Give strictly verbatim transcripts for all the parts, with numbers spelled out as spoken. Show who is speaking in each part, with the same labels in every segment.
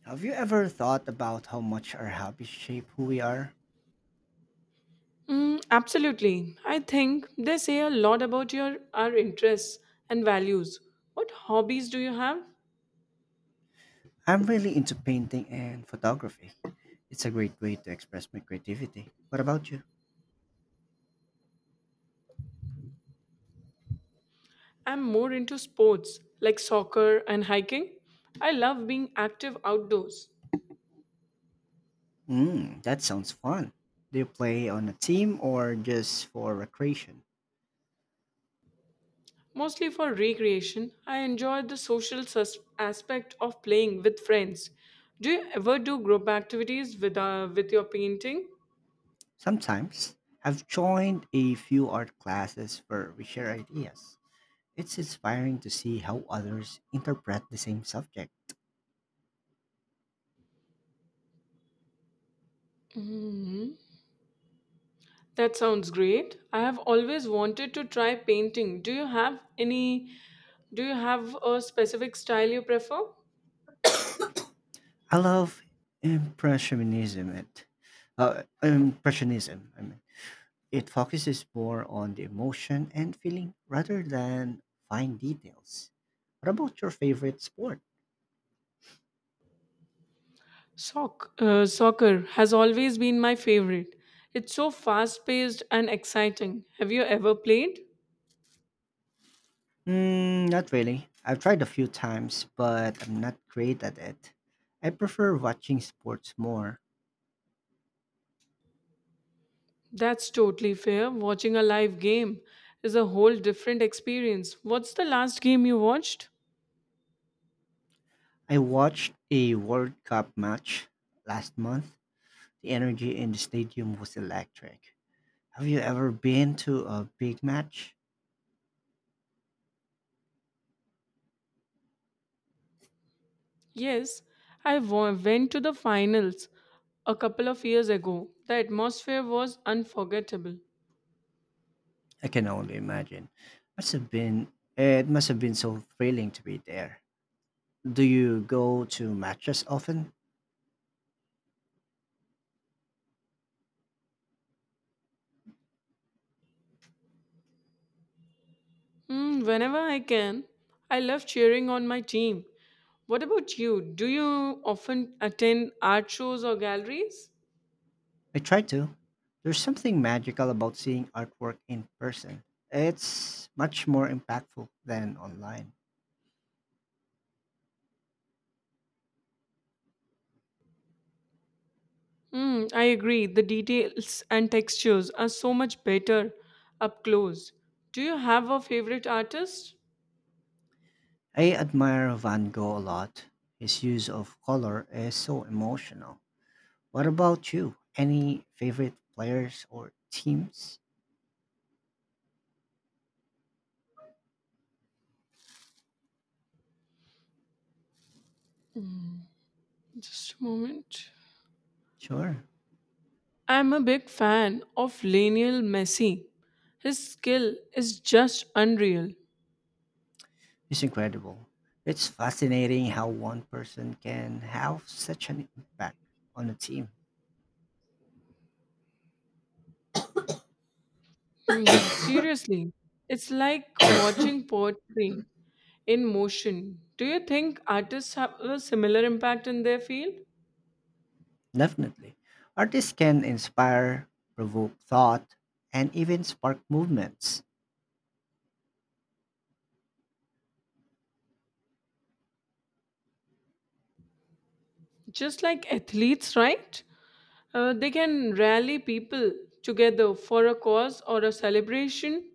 Speaker 1: Have you ever thought about how much our hobbies shape who we are?
Speaker 2: Mm, absolutely. I think they say a lot about your our interests and values. What hobbies do you have?
Speaker 1: I'm really into painting and photography. It's a great way to express my creativity. What about you?
Speaker 2: I'm more into sports like soccer and hiking. I love being active outdoors.
Speaker 1: Mm, that sounds fun. Do you play on a team or just for recreation?
Speaker 2: Mostly for recreation, I enjoy the social sus- aspect of playing with friends. Do you ever do group activities with uh, with your painting?
Speaker 1: Sometimes. I've joined a few art classes where we share ideas. It's inspiring to see how others interpret the same subject.
Speaker 2: That sounds great. I have always wanted to try painting. Do you have any do you have a specific style you prefer?
Speaker 1: I love impressionism. It, uh, impressionism, I mean. It focuses more on the emotion and feeling rather than fine details. What about your favorite sport?
Speaker 2: Soc- uh, soccer has always been my favorite. It's so fast-paced and exciting. Have you ever played?
Speaker 1: Mm, not really. I've tried a few times, but I'm not great at it. I prefer watching sports more.
Speaker 2: That's totally fair. Watching a live game is a whole different experience. What's the last game you watched?
Speaker 1: I watched a World Cup match last month. The energy in the stadium was electric. Have you ever been to a big match?
Speaker 2: Yes, I wa- went to the finals a couple of years ago. The atmosphere was unforgettable.
Speaker 1: I can only imagine. Must have been It must have been so thrilling to be there. Do you go to matches often?
Speaker 2: Mm, whenever I can, I love cheering on my team. What about you? Do you often attend art shows or galleries?
Speaker 1: I try to. There's something magical about seeing artwork in person. It's much more impactful than online.
Speaker 2: Mm, I agree. The details and textures are so much better up close. Do you have a favorite artist?
Speaker 1: I admire Van Gogh a lot. His use of color is so emotional. What about you? Any favorite players or teams?
Speaker 2: Just a moment.
Speaker 1: Sure.
Speaker 2: I'm a big fan of Lionel Messi. His skill is just unreal.
Speaker 1: It's incredible. It's fascinating how one person can have such an impact on a team.
Speaker 2: Hmm, seriously, it's like watching poetry in motion. Do you think artists have a similar impact in their field?
Speaker 1: Definitely. Artists can inspire, provoke thought, and even spark movements.
Speaker 2: Just like athletes, right? Uh, they can rally people together for a cause or a celebration.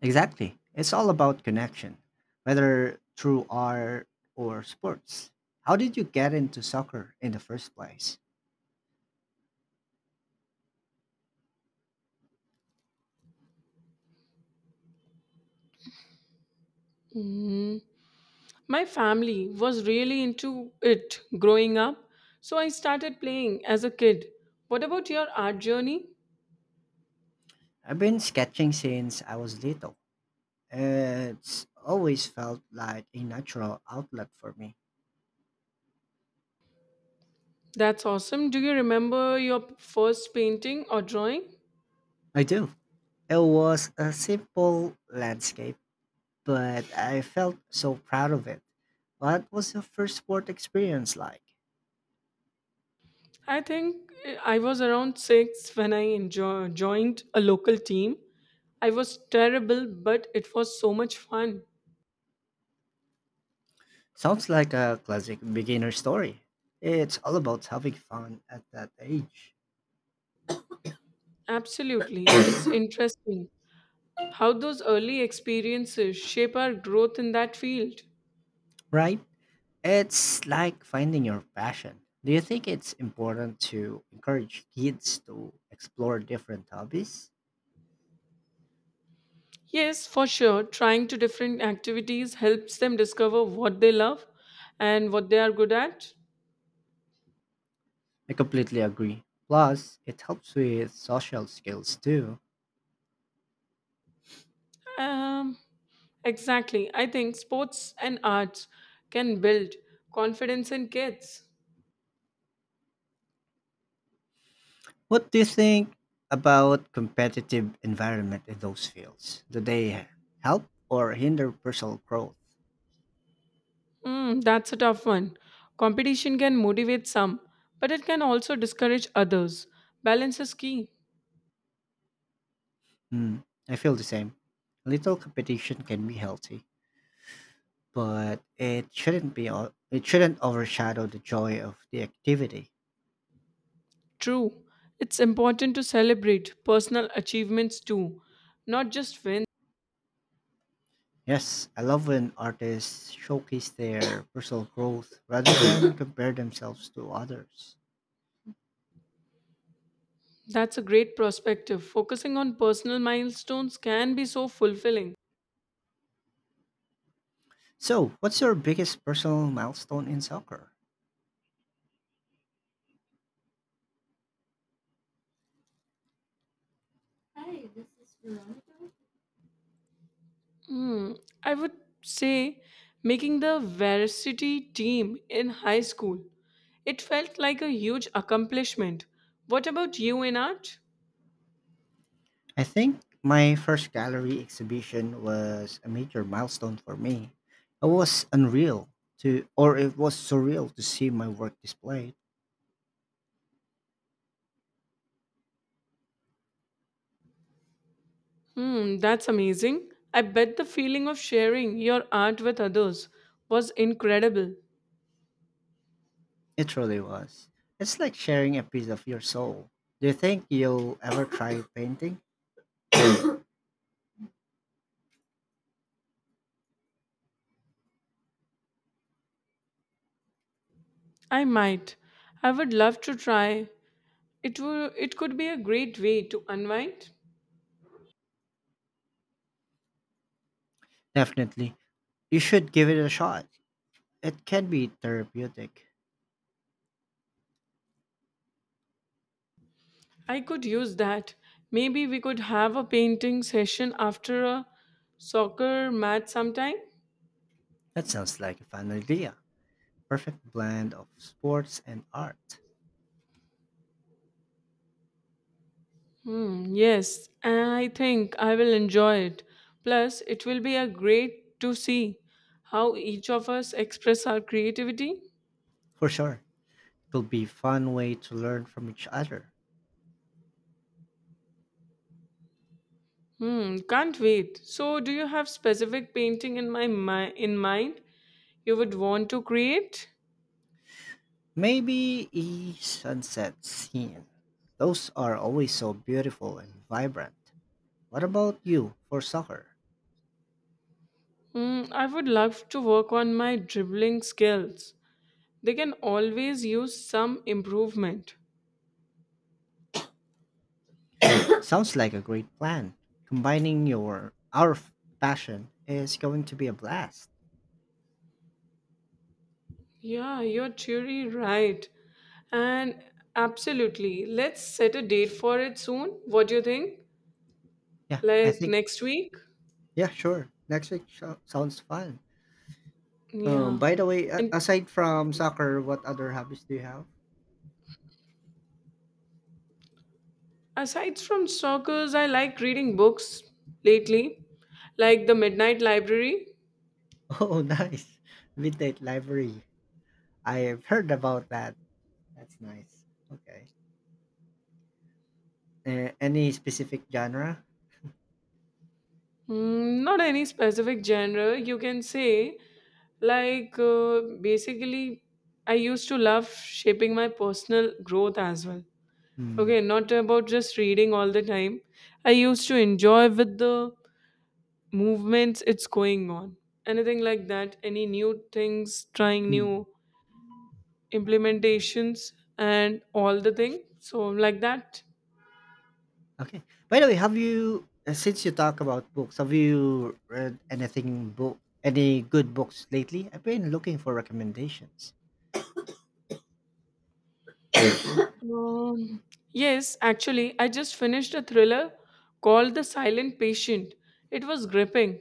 Speaker 1: Exactly. It's all about connection, whether through art or sports. How did you get into soccer in the first place?
Speaker 2: Mhm. My family was really into it growing up, so I started playing as a kid. What about your art journey?
Speaker 1: I've been sketching since I was little. It's always felt like a natural outlet for me.
Speaker 2: That's awesome. Do you remember your first painting or drawing?
Speaker 1: I do. It was a simple landscape, but I felt so proud of it. What was your first sport experience like?
Speaker 2: I think eh, I was around six when I enjoy, joined a local team. I was terrible, but it was so much fun.
Speaker 1: Sounds like a classic beginner story. It's all about having fun at that age,
Speaker 2: Absolutely. It's interesting how those early experiences shape our growth in that field.
Speaker 1: right? It's like finding your passion. Do you think it's important to encourage kids to explore different hobbies?
Speaker 2: Yes, for sure, trying to different activities helps them discover what they love and what they are good at.
Speaker 1: I completely agree. Plus, it helps with social skills too.
Speaker 2: Um, exactly. I think sports and arts can build confidence in kids.
Speaker 1: What do you think about competitive environment in those fields? Do they help or hinder personal growth?
Speaker 2: Hmm, that's a tough one. Competition can motivate some, but it can also discourage others. Balance is key.
Speaker 1: Hmm, I feel the same. Little competition can be healthy, but it shouldn't be o- it shouldn't overshadow the joy of the activity.
Speaker 2: True. It's important to celebrate personal achievements too, not just wins.
Speaker 1: Yes, I love when artists showcase their personal growth rather than compare themselves to others.
Speaker 2: That's a great perspective. Focusing on personal milestones can be so fulfilling.
Speaker 1: So, what's your biggest personal milestone in soccer?
Speaker 2: Hmm, I would say making the varsity team in high school. It felt like a huge accomplishment. What about you in art?
Speaker 1: I think my first gallery exhibition was a major milestone for me. It was unreal to, or it was surreal to see my work displayed.
Speaker 2: Hmm, that's amazing. I bet the feeling of sharing your art with others was incredible.
Speaker 1: It really was. It's like sharing a piece of your soul. Do you think you'll ever try painting?
Speaker 2: I might. I would love to try. It would it could be a great way to unwind.
Speaker 1: Definitely. You should give it a shot. It can be therapeutic.
Speaker 2: I could use that. Maybe we could have a painting session after a soccer match sometime.
Speaker 1: That sounds like a fun idea. Perfect blend of sports and art.
Speaker 2: Hmm, yes, I think I will enjoy it. Plus, it will be a great to see how each of us express our creativity.
Speaker 1: For sure. It'll be a fun way to learn from each other.
Speaker 2: Hmm, can't wait. So, do you have specific painting in my mi- in mind you would want to create?
Speaker 1: Maybe a sunset scene. Those are always so beautiful and vibrant. What about you for soccer?
Speaker 2: Hmm, I would love to work on my dribbling skills. They can always use some improvement.
Speaker 1: Sounds like a great plan. Combining your our f- passion is going to be a blast.
Speaker 2: Yeah, you're truly right. And absolutely, let's set a date for it soon. What do you think?
Speaker 1: Yeah, I
Speaker 2: Like
Speaker 1: think.
Speaker 2: next week?
Speaker 1: Yeah, sure. Next week sho- sounds fun. Um,
Speaker 2: Yeah.
Speaker 1: by the way, a-
Speaker 2: And
Speaker 1: aside from soccer, what other hobbies do you have?
Speaker 2: aside from stalkers, I like reading books lately, like The Midnight Library.
Speaker 1: Oh, nice. Midnight library. I've heard about that. That's nice. Okay. Uh, any specific genre?
Speaker 2: Mm, not any specific genre, you can say. Like, uh, basically, I used to love shaping my personal growth as well.
Speaker 1: Hmm.
Speaker 2: Okay, not about just reading all the time. I used to enjoy with the movements it's going on. Anything like that, any new things, trying
Speaker 1: Mm,
Speaker 2: new implementations and all the thing. So, like that.
Speaker 1: okay. By the way, have you uh, since you talk about books, have you read anything book any good books lately? I've been looking for recommendations.
Speaker 2: Um, yes, actually, I just finished a thriller called The Silent Patient. It was gripping.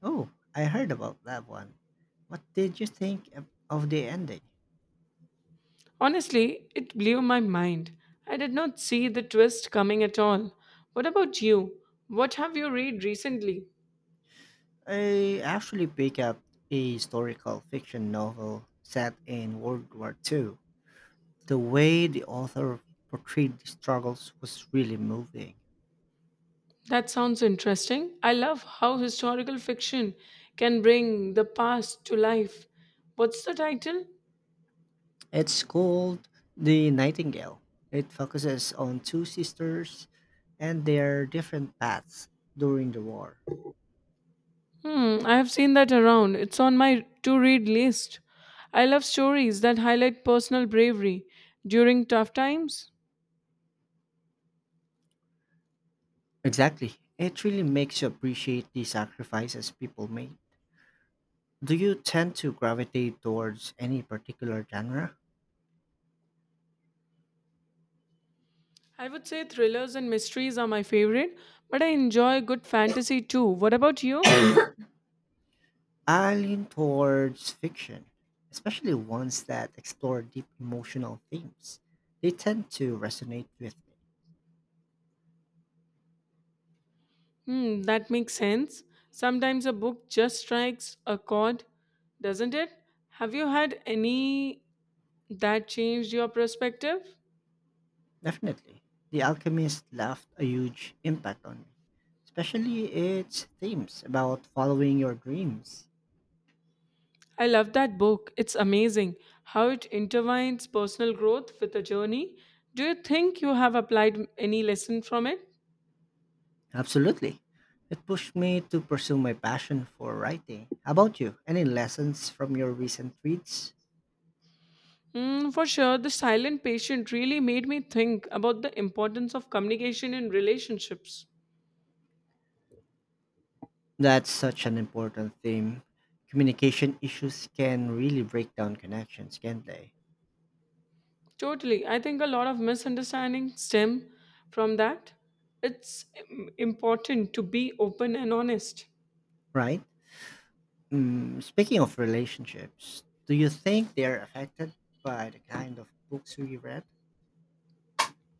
Speaker 1: Oh, I heard about that one. What did you think of of the ending?
Speaker 2: Honestly, it blew my mind. I did not see the twist coming at all. What about you? What have you read recently?
Speaker 1: I actually picked up a historical fiction novel set in World War Two. The way the author portrayed the struggles was really moving.
Speaker 2: That sounds interesting. I love how historical fiction can bring the past to life. What's the title?
Speaker 1: It's called The Nightingale. It focuses on two sisters and their different paths during the war.
Speaker 2: Hmm, I have seen that around. It's on my to read list. I love stories that highlight personal bravery during tough times.
Speaker 1: Exactly. It really makes you appreciate the sacrifices people made. Do you tend to gravitate towards any particular genre?
Speaker 2: I would say thrillers and mysteries are my favorite, but I enjoy good fantasy too. What about you?
Speaker 1: I lean towards fiction, especially ones that explore deep emotional themes. They tend to resonate with me.
Speaker 2: Hmm, that makes sense. Sometimes a book just strikes a chord, doesn't it? Have you had any that changed your perspective?
Speaker 1: Definitely. The Alchemist left a huge impact on me, especially its themes about following your dreams.
Speaker 2: I love that book. It's amazing how it intertwines personal growth with a journey. Do you think you have applied any lesson from it?
Speaker 1: Absolutely. It pushed me to pursue my passion for writing. How about you? Any lessons from your recent reads?
Speaker 2: Mm, for sure, The Silent Patient really made me think about the importance of communication in relationships.
Speaker 1: That's such an important theme. Communication issues can really break down connections, can't they?
Speaker 2: Totally. I think a lot of misunderstandings stem from that. It's im- important to be open and honest.
Speaker 1: Right? Mm, speaking of relationships, do you think they're affected by the kind of books we read?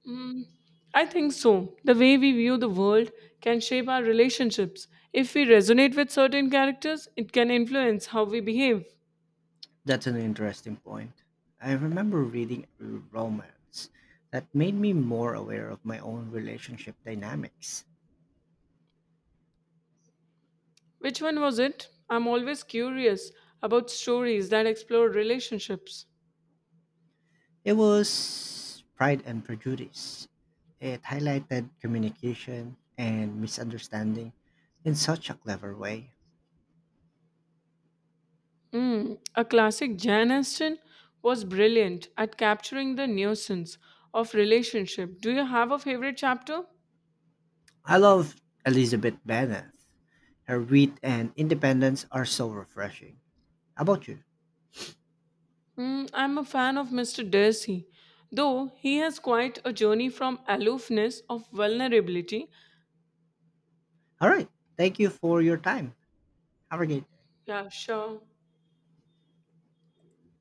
Speaker 2: Mm, I think so. The way we view the world can shape our relationships. If we resonate with certain characters, it can influence how we behave.
Speaker 1: That's an interesting point. I remember reading a romance that made me more aware of my own relationship dynamics.
Speaker 2: Which one was it? I'm always curious about stories that explore relationships.
Speaker 1: It was Pride and Prejudice. It highlighted communication and misunderstanding in such a clever way.
Speaker 2: Mm, a classic Jan Aston was brilliant at capturing the nuisance of relationship. Do you have a favorite chapter?
Speaker 1: I love Elizabeth Bennet. Her wit and independence are so refreshing. How about you?
Speaker 2: Mm, I'm a fan of Mister Darcy, though he has quite a journey from aloofness of vulnerability.
Speaker 1: All right. Thank you for your time. Have a great day.
Speaker 2: Yeah, sure.